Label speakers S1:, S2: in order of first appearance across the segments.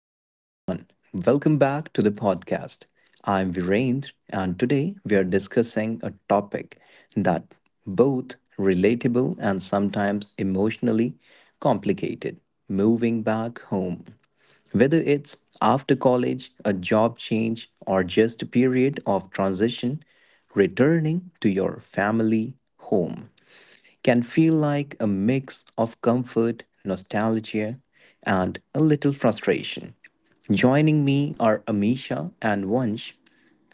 S1: Hey everyone, welcome back to the podcast. I'm Virendra, and today we are discussing a topic that both relatable and sometimes emotionally complicated moving back home. Whether it's after college, a job change, or just a period of transition, returning to your family home can feel like a mix of comfort, nostalgia, and a little frustration. Joining me are Amisha and Vansh,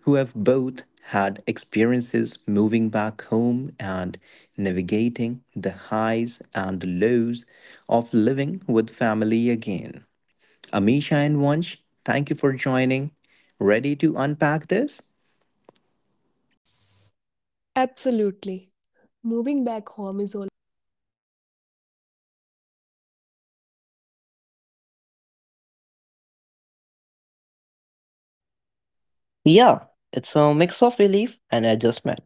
S1: who have both had experiences moving back home and navigating the highs and the lows of living with family again. Amisha and Vansh, thank you for joining. Ready to unpack this?
S2: Absolutely. Moving back home is always a journey, emotional, social, and sometimes surprisingly challenging.
S3: Yeah, it's a mix of relief and adjustment.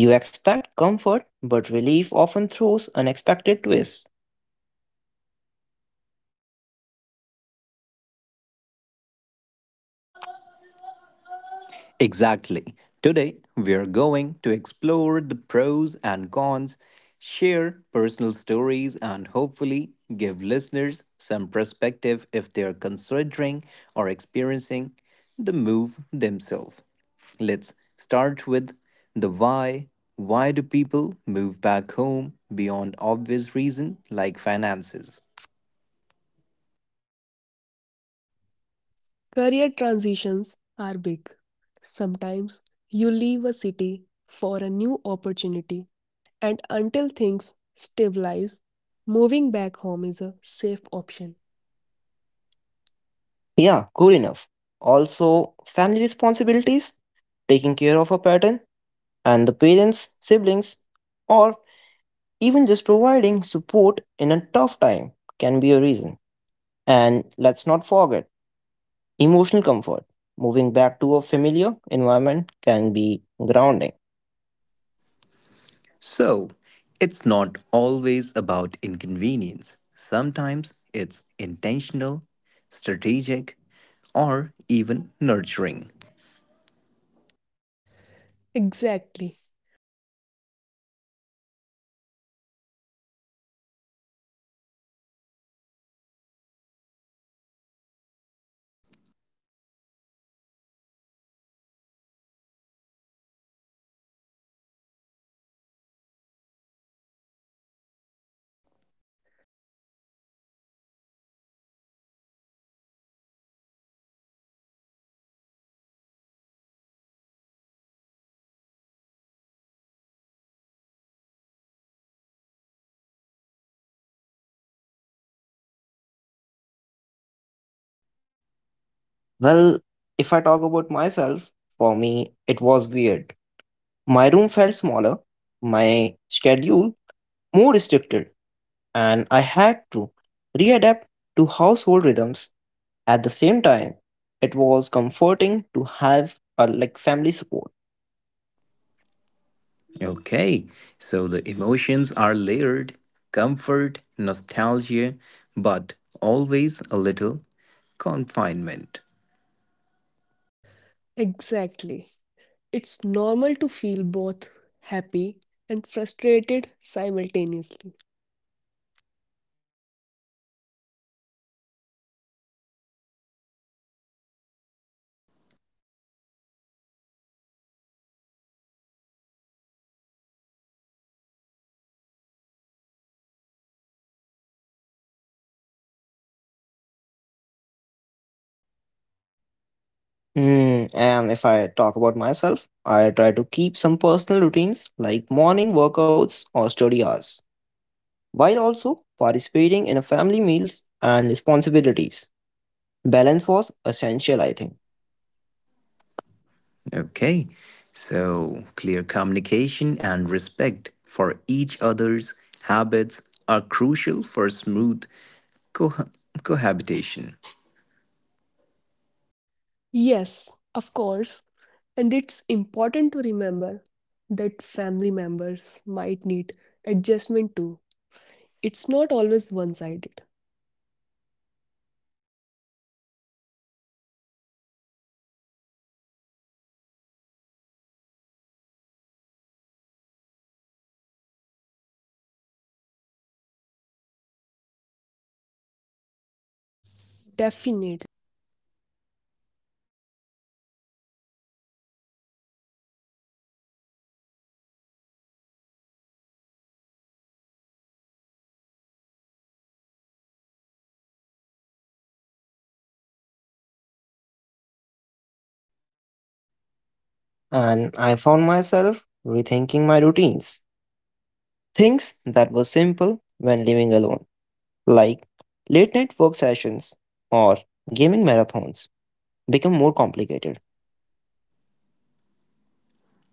S3: You expect comfort, but relief often throws unexpected twists.
S1: Exactly. Today, we are going to explore the pros and cons, share personal stories, and hopefully give listeners some perspective if they are considering or experiencing the move themselves. Let's start with the why. Why do people move back home beyond obvious reason like finances?
S2: Career transitions are big. Sometimes you leave a city for a new opportunity, and until things stabilize, moving back home is a safe option.
S3: Yeah, cool enough. Also, family responsibilities, taking care of a pattern, and the parents, siblings, or even just providing support in a tough time can be a reason. And let's not forget emotional comfort. Moving back to a familiar environment can be grounding.
S1: So, it's not always about inconvenience. Sometimes it's intentional, strategic, or even nurturing.
S2: Exactly. But even with all these reasons, the transition comes with challenges we often don't anticipate.
S1: How did you feel the first few days or weeks after moving back, Amisha and Vansh?
S2: Honestly, a mix. Relief to be back in a familiar space, but also a little loss of independence. Like you suddenly notice rules, routines, and expectations you had forgotten existed.
S3: Well, if I talk about myself, for me, it was weird. My room felt smaller, my schedule more restricted, and I had to readapt to household rhythms at the same time. It was comforting to have a like family support.
S1: Okay, so the emotions are layered comfort, nostalgia, but always a little confinement.
S2: Exactly. It's normal to feel both happy and frustrated simultaneously.
S1: Okay. Adjusting to family routines can be tricky. How did you manage it?
S2: Well, I realized early on that compromise is key. Helping with chores, communicating schedules, and respecting shared spaces made things smoother.
S3: Mm, and if I talk about myself, I try to keep some personal routines like morning workouts or study hours, while also participating in a family meals and responsibilities. Balance was essential, I think,
S1: Okay. So, clear communication and respect for each other's habits are crucial for smooth co- cohabitation.
S2: Yes, of course, and it's important to remember that family members might need adjustment too. It's not always one sided.
S1: Okay. So, let's talk about social and personal challenges. Did moving back home impacted your independence or your social life?
S2: Definitely. Living at home can sometimes feel restrictive socially. Curfews, noise levels, or lack of privacy can make you hesitant to invite friends over or host gatherings.
S3: and I found myself rethinking my routines. Things that were simple when living alone, like late night work sessions or gaming marathons, become more complicated.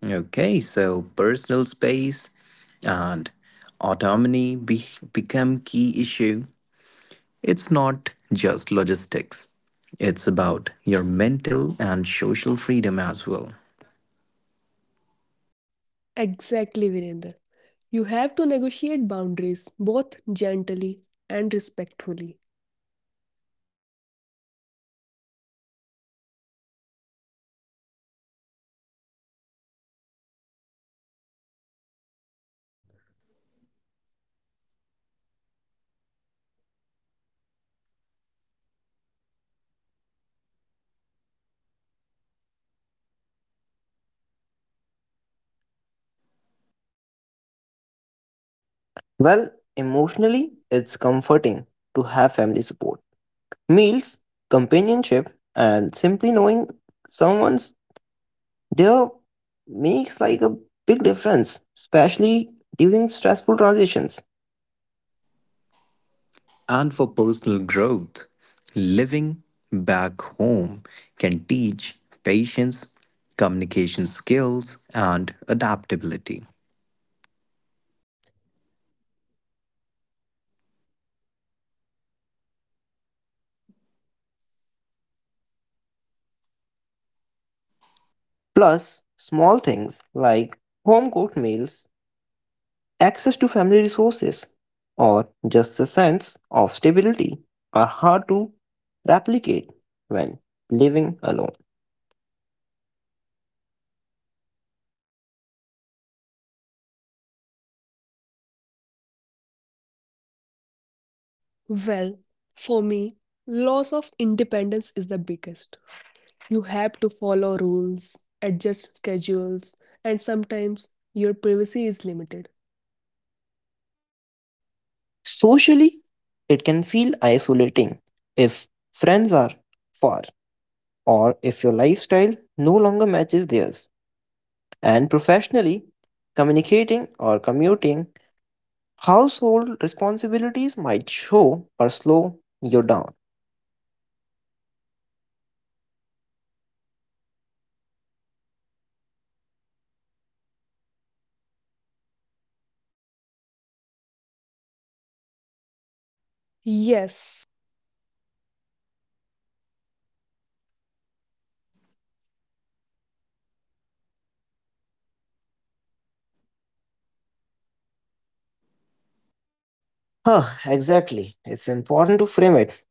S1: Okay, so personal space and autonomy become key issue. It's not just logistics. It's about your mental and social freedom as well.
S2: Exactly, Virender. You have to negotiate boundaries both gently and respectfully.
S1: Okay, let's switch gears. What are the positive aspects of moving back home?
S2: Financially, it's a huge relief. No rent, utilities, or groceries to manage independently. Like you can save or invest in your next move.
S3: Well, emotionally, it's comforting to have family support, meals, companionship, and simply knowing someone's there makes like a big difference, especially during stressful transitions.
S1: And for personal growth, living back home can teach patience, communication skills, and adaptability.
S2: Exactly. It's a chance to reconnect with family and reflect on personal priorities.
S3: Plus, small things like home cooked meals, access to family resources, or just a sense of stability are hard to replicate when living alone.
S1: Okay, now the flip side. What challenges did you face moving back home?
S2: Well, for me, loss of independence is the biggest. You have to follow rules, adjust schedules, and sometimes your privacy is limited.
S3: Socially, it can feel isolating if friends are far or if your lifestyle no longer matches theirs. And professionally, communicating or commuting, household responsibilities might show or slow you down.
S1: Okay, so the cons often involve restrictions, friction, or adjusting to the different pace of life. So that's what you say.
S2: Yes, and sometimes it's emotionally tricky. Like feeling like you have regressed can be frustrating, even if it's temporary.
S3: Huh, exactly. It's important to frame it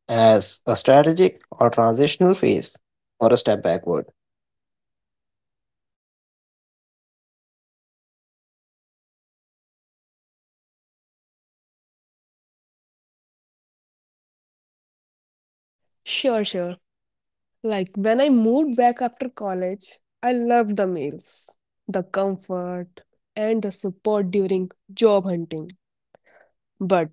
S3: as a strategic or transitional phase or a step backward.
S1: Okay. So let's talk about the personal stories. Can you share a story that captures both the pros and cons?
S2: Sure, sure. Like when I moved back after college, I loved the meals, the comfort, and the support during job hunting. But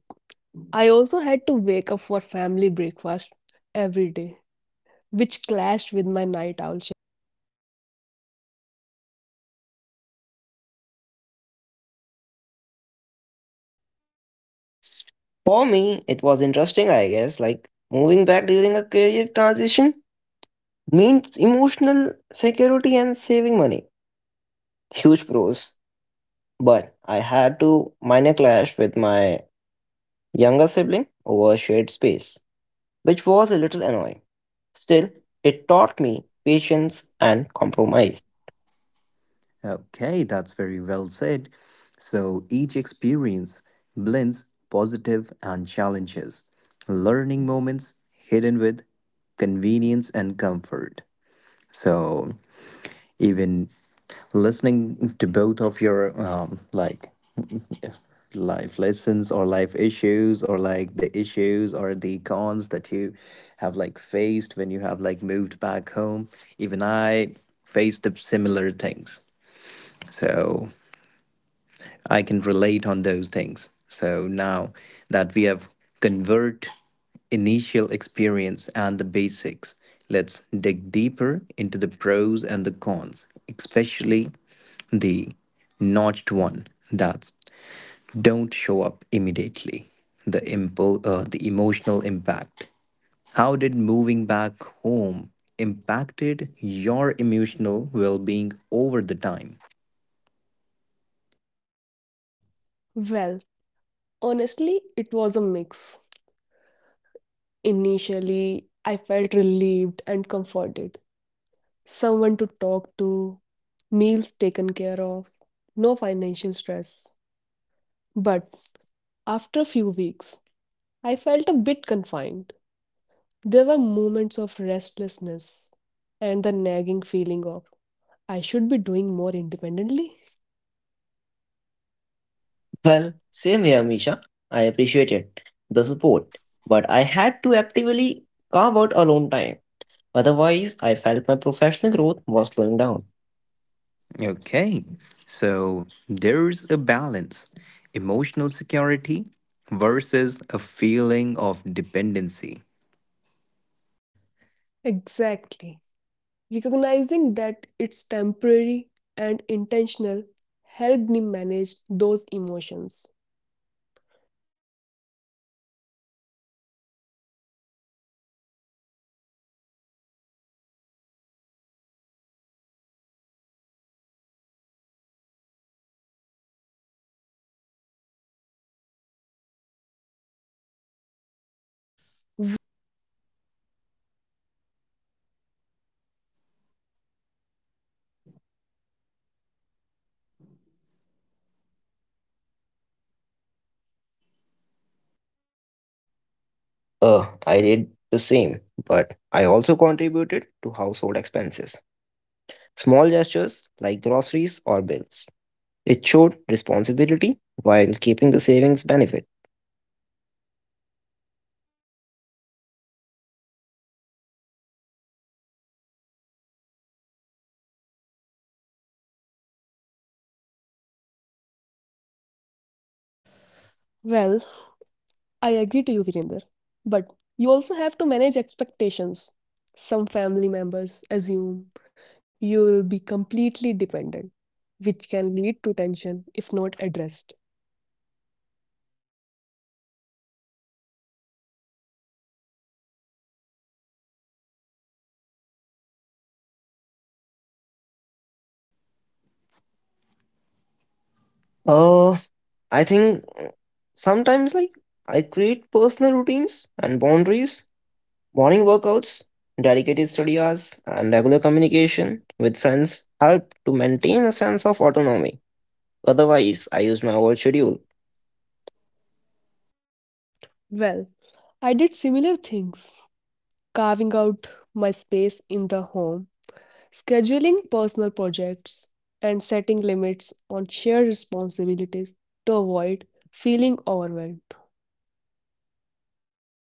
S2: I also had to wake up for family breakfast every day, which clashed with my night owl schedule. It was a mix of gratitude and mild frustration.
S3: For me, it was interesting, I guess, like moving back during a career transition means emotional security and saving money. Huge pros. But I had to minor clash with my younger sibling over shared space, which was a little annoying. Still, it taught me patience and compromise.
S1: Okay, that's very well said. So each experience blends positive and challenges, learning moments hidden with convenience and comfort. So even listening to both of your like life lessons or life issues or like the issues or the cons that you have like faced when you have like moved back home, even I faced the similar things, so I can relate on those things. So now that we have convert initial experience and the basics, let's dig deeper into the pros and the cons, especially the notched one that's don't show up immediately. The the emotional impact. How did moving back home impacted your emotional well-being over the time?
S2: Well, honestly, it was a mix. Initially, I felt relieved and comforted, someone to talk to, meals taken care of, no financial stress. But after a few weeks, I felt a bit confined. There were moments of restlessness and the nagging feeling of I should be doing more independently.
S3: Well, same here, Misha. I appreciated the support, but I had to actively carve out alone time. Otherwise, I felt my professional growth was slowing down.
S1: Okay, so there's a balance emotional security versus a feeling of dependency.
S2: Exactly. Recognizing that it's temporary and intentional helped me manage those emotions.
S1: Okay, so let's talk money. Moving back home can be a huge financial relief, but it comes with a trade offs. How did you approach this?
S2: Well, I used the time to save aggressively. Not paying rent allowed me to create a financial cushion for moving out again.
S3: I did the same, but I also contributed to household expenses. Small gestures like groceries or bills. It showed responsibility while keeping the savings benefit.
S1: Okay, so financially smart while maintaining respect for the household. That's a win win for both of you, I guess.
S2: Well, I agree to you, Virender, but you also have to manage expectations. Some family members assume you will be completely dependent, which can lead to tension if not addressed.
S1: Okay, so how did you maintain that personal independence while living at home?
S3: Uh, I think Sometimes like I create personal routines and boundaries. Morning workouts, dedicated study hours, and regular communication with friends help to maintain a sense of autonomy. Otherwise, I use my old schedule.
S2: Well, I did similar things, carving out my space in the home, scheduling personal projects and setting limits on shared responsibilities to avoid feeling overwhelmed.
S1: So,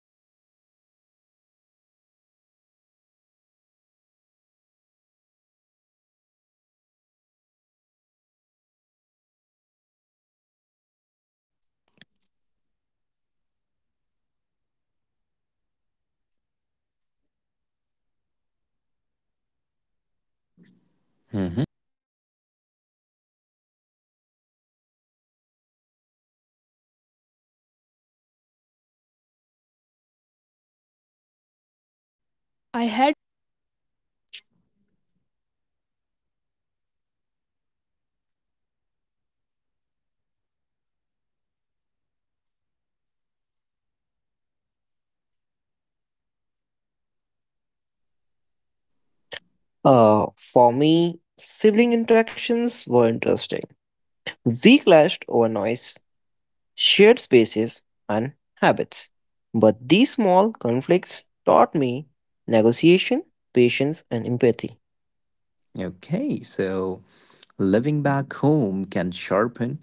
S1: autonomy is about intentional planning and communication, even under the same roof.
S2: Exactly, Virender. Independence doesn't mean vanish when you move back. You just have to actively preserve it.
S1: Mhm. Family dynamics can be tricky. Any stories about friction or unexpected bonding that you might had?
S2: I had some disagreements over household chores initially. My parents expected more involvement than I was used to. But over time, we developed a rhythm and it actually strengthened our bond.
S3: For me, sibling interactions were interesting. We clashed over noise, shared spaces, and habits. But these small conflicts taught me negotiation, patience, and empathy.
S1: Okay, so living back home can sharpen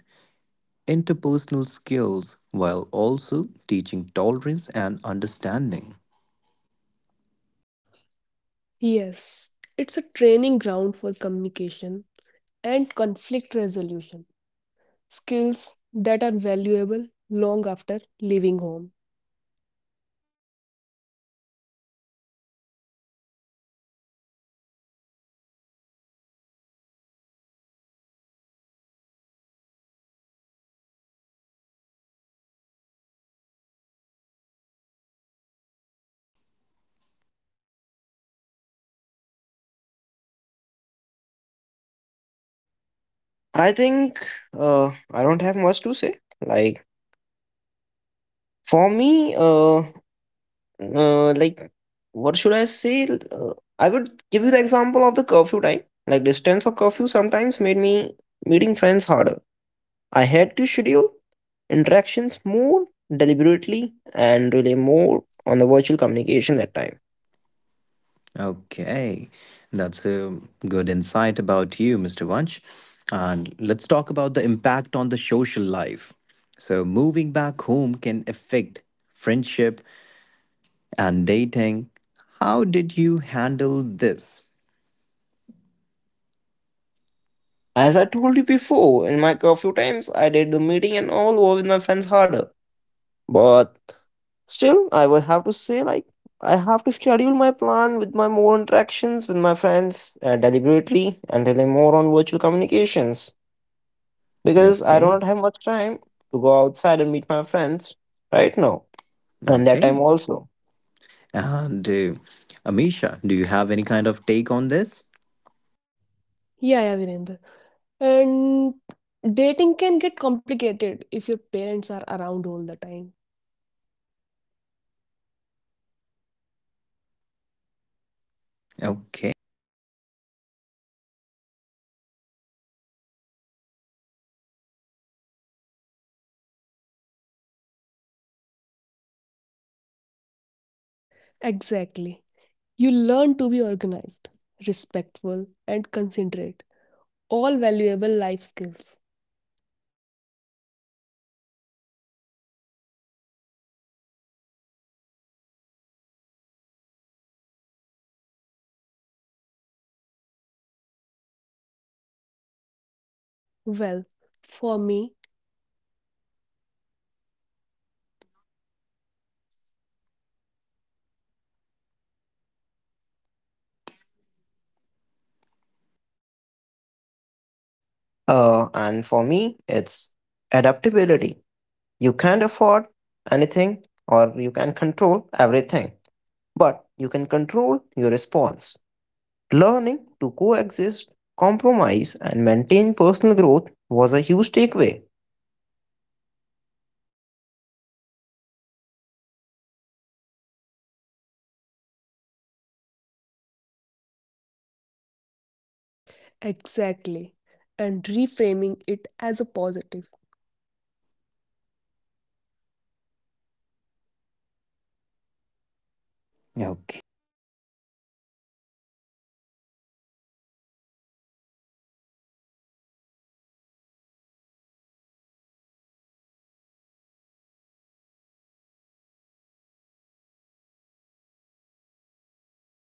S1: interpersonal skills while also teaching tolerance and understanding.
S2: Yes, it's a training ground for communication and conflict resolution, skills that are valuable long after leaving home.
S1: Okay, so any of you who might have like had such experience, so can you or would you like to share any one of these such experiences today on our podcast?
S3: I think I don't have much to say. Like, for me, Uh, like, what should I say? I would give you the example of the curfew time. Like, distance of curfew sometimes made me meeting friends harder. I had to schedule interactions more deliberately and rely more on the virtual communication that time.
S1: Okay, that's a good insight about you, Mr. Vanch. And let's talk about the impact on the social life. So moving back home can affect friendship and dating. How did you handle this?
S3: As I told you before, in my curfew times, I did the meeting and all over with my friends harder. But still, I would have to say, like, I have to schedule my plan with my more interactions with my friends deliberately and rely more on virtual communications because I
S1: Okay.
S3: don't have much time to go outside and meet my friends right now and that
S1: Okay.
S3: time also.
S1: And Amisha, do you have any kind of take on this?
S2: Yeah, yeah, Virendra. And dating can get complicated if your parents are around all the time. Like, I had to adjust plans or find creative ways to maintain privacy.
S1: Okay. So, flexibility is important. Balancing relationship outside the home while respecting the family space.
S2: Exactly. You learn to be organized, respectful, and considerate, all valuable life skills.
S1: Okay. And let's talk about the lessons. What lessons did moving back home teach you about yourself and life?
S2: Well, for me, patience and gratitude. I realized the value of family support and how much easier life can be when you have a safety net.
S3: And for me, it's adaptability. You can't afford anything or you can control everything, but you can control your response. Learning to coexist, compromise, and maintain personal growth was a huge takeaway.
S1: Okay, so moving back home isn't just a a decision, it's a period of personal development.
S2: Exactly. And reframing it as a positive, temporary step rather than a regression changes the whole experience.
S1: Okay, so it seems about that would be the pros and the cons and your personal experiences that you had like faced or like you might have like managed to like go with.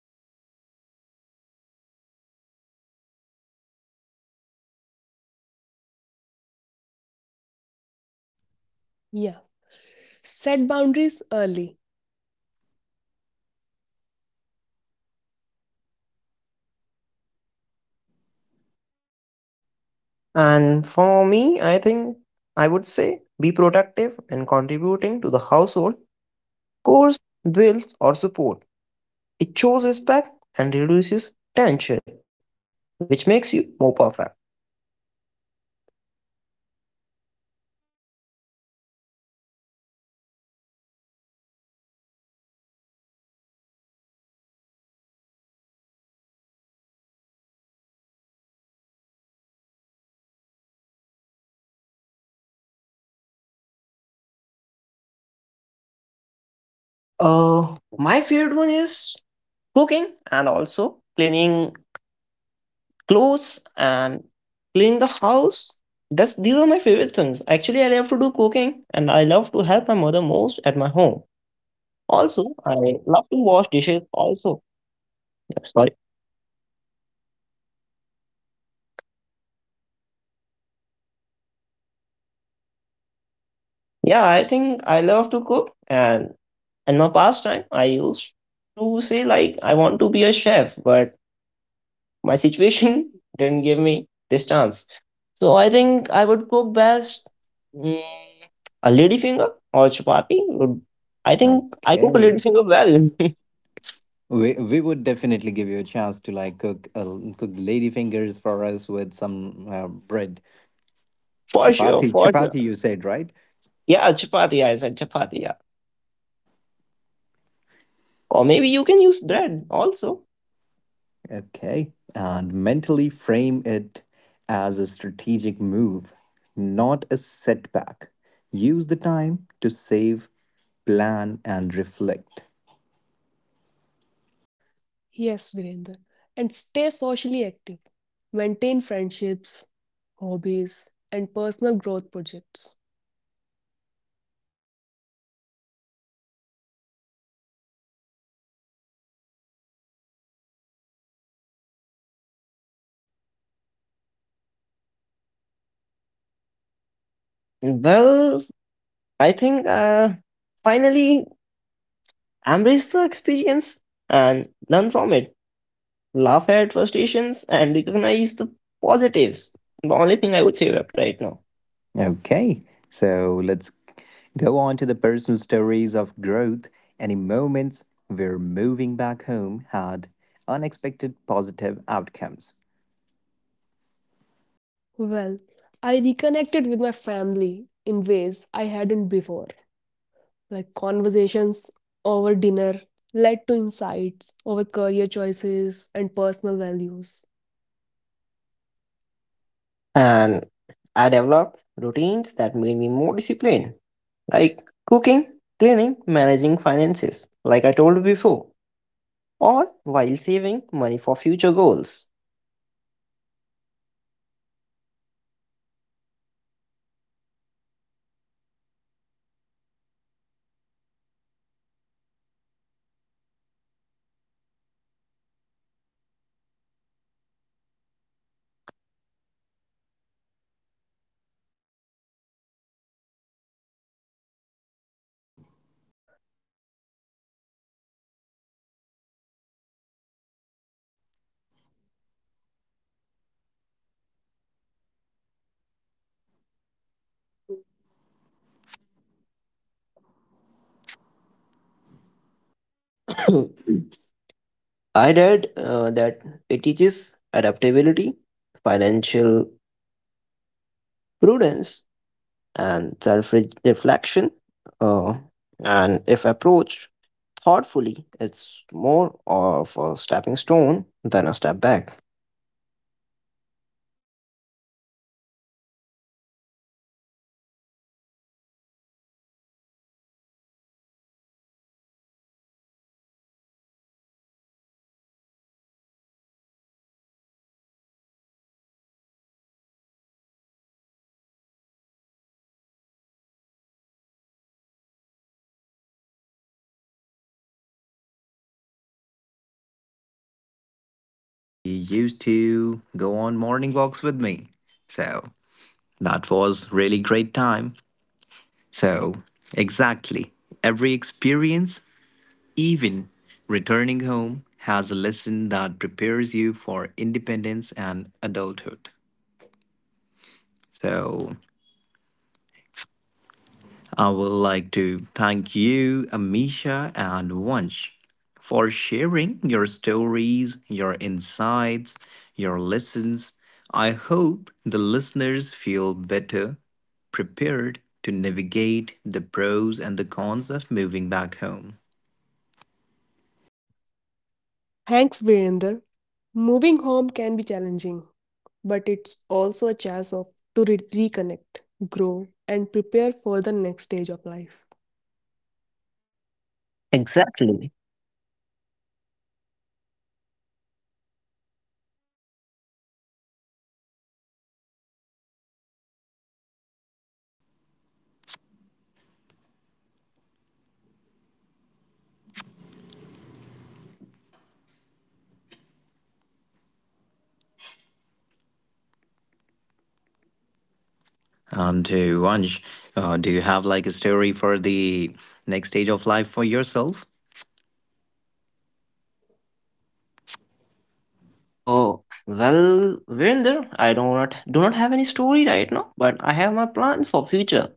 S1: And I would like to ask if you have any kind of advice for the listeners considering moving back home.
S2: Yeah. Set boundaries early. Clearly communicate your needs, routines, and responsibilities.
S3: And for me, I think I would say be productive in contributing to the household, course, bills, or support. It shows respect and reduces tension, which makes you more perfect.
S1: Okay, so Mr. Wunsch, while you are at your home and you're like doing the chores, what was the best? What was the chore that you liked the most? Like the cleaning the dishes, like mopping the floor. Which was the favorite one of yours?
S3: My favorite one is cooking and also cleaning clothes and clean the house. That's these are my favorite things. Actually, I love to do cooking and I love to help my mother most at my home.
S1: Okay,
S3: Also, I
S1: so
S3: love to
S1: you
S3: wash
S1: are
S3: dishes
S1: more.
S3: also.
S1: Okay,
S3: Yeah,
S1: so
S3: sorry.
S1: you are more of a housemaker, I guess. So you like to cook food. What's the specialty which you cook?
S3: Yeah, I think I love to cook and in my past time I used to say like I want to be a chef, but my situation didn't give me this chance. So I think I would cook best mm, a lady finger or chapati. I think I cook a lady
S1: Okay.
S3: finger well.
S1: We would definitely give you a chance to like cook cook lady fingers for us with some bread.
S3: For sure,
S1: Chapati,
S3: for sure.
S1: chapati you said, right?
S3: Yeah, chapati. I said chapati. Yeah, or maybe you can use bread also.
S1: Okay. And mentally frame it as a strategic move, not a setback. Use the time to save, plan and reflect.
S2: Yes, Virendra. And stay socially active. Maintain friendships, hobbies, and personal growth projects.
S1: Okay, that's a good take on that. And Mr. Wunsch, do you have something to say about this?
S3: Well, I think Finally, embrace the experience and learn from it. Laugh at frustrations and recognize the positives. The only thing I would say up right now.
S1: Okay, so let's go on to the personal stories of growth. Any moments where moving back home had unexpected positive outcomes?
S2: Well, I reconnected with my family in ways I hadn't before. Like conversations over dinner led to insights over career choices and personal values.
S3: And I developed routines that made me more disciplined, like cooking, cleaning, managing finances, like I told you before, all while saving money for future goals.
S1: Okay, so even challenges have silver lining. The cons are temporary, but the skills and the bonds you gain can last forever. So let's go on to the final reflections. Looking back, how would you summarize the experience of moving back home?
S2: Well, for me, it's a mix of comfort and growth. Challenging at times, but ultimately rewarding. You learn patience, empathy, and gratitude.
S3: I read that it teaches adaptability, financial prudence, and self reflection. Uh, and if approached thoughtfully, it's more of a stepping stone than a step back.
S1: Okay, so while I was listening to both of you, even I remembered certain things when I moved back home. You know, during the COVID, I moved back to home and I was living with my family. It was really convenient for the foods and all, but there was a strict plan. I had to like wake up at 4:30 in the morning, so that was really harsh on me. But my dog was my buddy and he used to go on morning walks with me. So that was really great time. So exactly every experience, even returning home, has a lesson that prepares you for independence and adulthood. So I would like to thank you, Amisha and Wunsch, for sharing your stories, your insights, your lessons. I hope the listeners feel better prepared to navigate the pros and the cons of moving back home.
S2: Thanks, Virender. Moving home can be challenging, but it's also a chance of to reconnect, grow, and prepare for the next stage of life.
S1: Okay,
S3: Exactly.
S1: so Amisha, so what would be the next stage of life over here that you're like talking about? And to Vansh, do you have like a story for the next stage of life for yourself?
S3: Oh, well, Virender, I do not have any story right now, but I have my plans for future.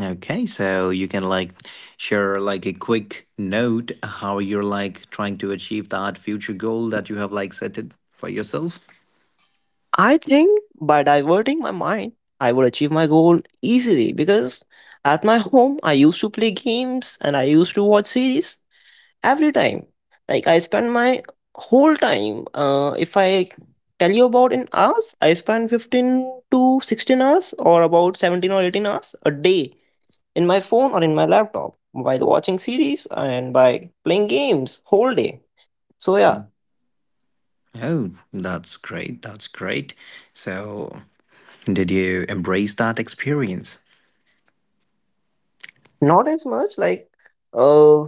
S1: Okay, so you can like share like a quick note how you're like trying to achieve that future goal that you have like set it for yourself.
S3: I think by diverting my mind, I would achieve my goal easily because at my home I used to play games and I used to watch series every time. Like I spend my whole time. If I tell you about in hours, I spend 15 to 16 hours or about 17 or 18 hours a day in my phone or in my laptop by watching series and by playing games whole day. So yeah,
S1: Oh, that's great. That's great. So, did you embrace that experience?
S3: not as much like uh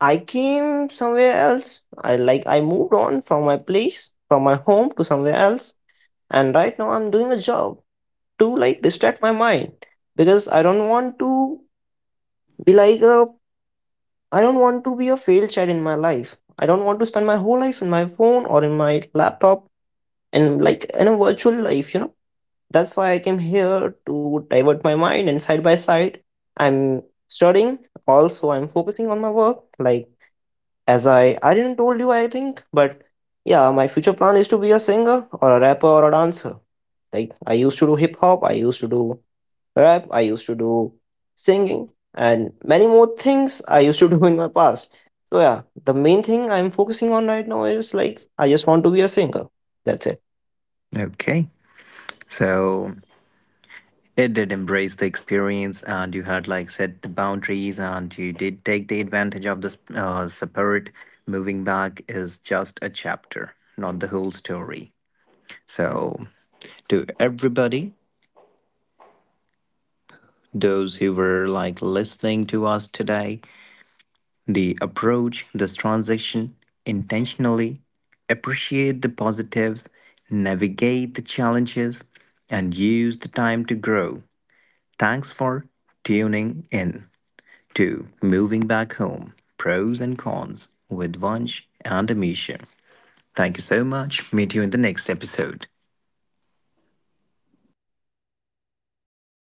S3: I came somewhere else. I like I moved on from my place, from my home to somewhere else, and right now I'm doing a job to like distract my mind because I don't want to be like a I don't want to be a failed child in my life. I don't want to spend my whole life in my phone or in my laptop and like in a virtual life, you know. That's why I came here to divert my mind and side by side I'm studying. Also I'm focusing on my work. Like as I didn't told you I think, but yeah, my future plan is to be a singer or a rapper or a dancer. Like I used to do hip hop, I used to do rap, I used to do singing and many more things I used to do in my past. So yeah, the main thing I'm focusing on right now is like I just want to be a singer. That's it.
S1: Okay. So, it did embrace the experience, and you had like set the boundaries, and you did take the advantage of this separate moving back is just a chapter, not the whole story. So, to everybody, those who were like listening to us today, the approach, this transition, intentionally appreciate the positives, navigate the challenges, and use the time to grow. Thanks for tuning in. 2. Moving back home. Pros and cons with Vansh and Amisha. Thank you so much. Meet you in the next episode.
S2: Thank you so much.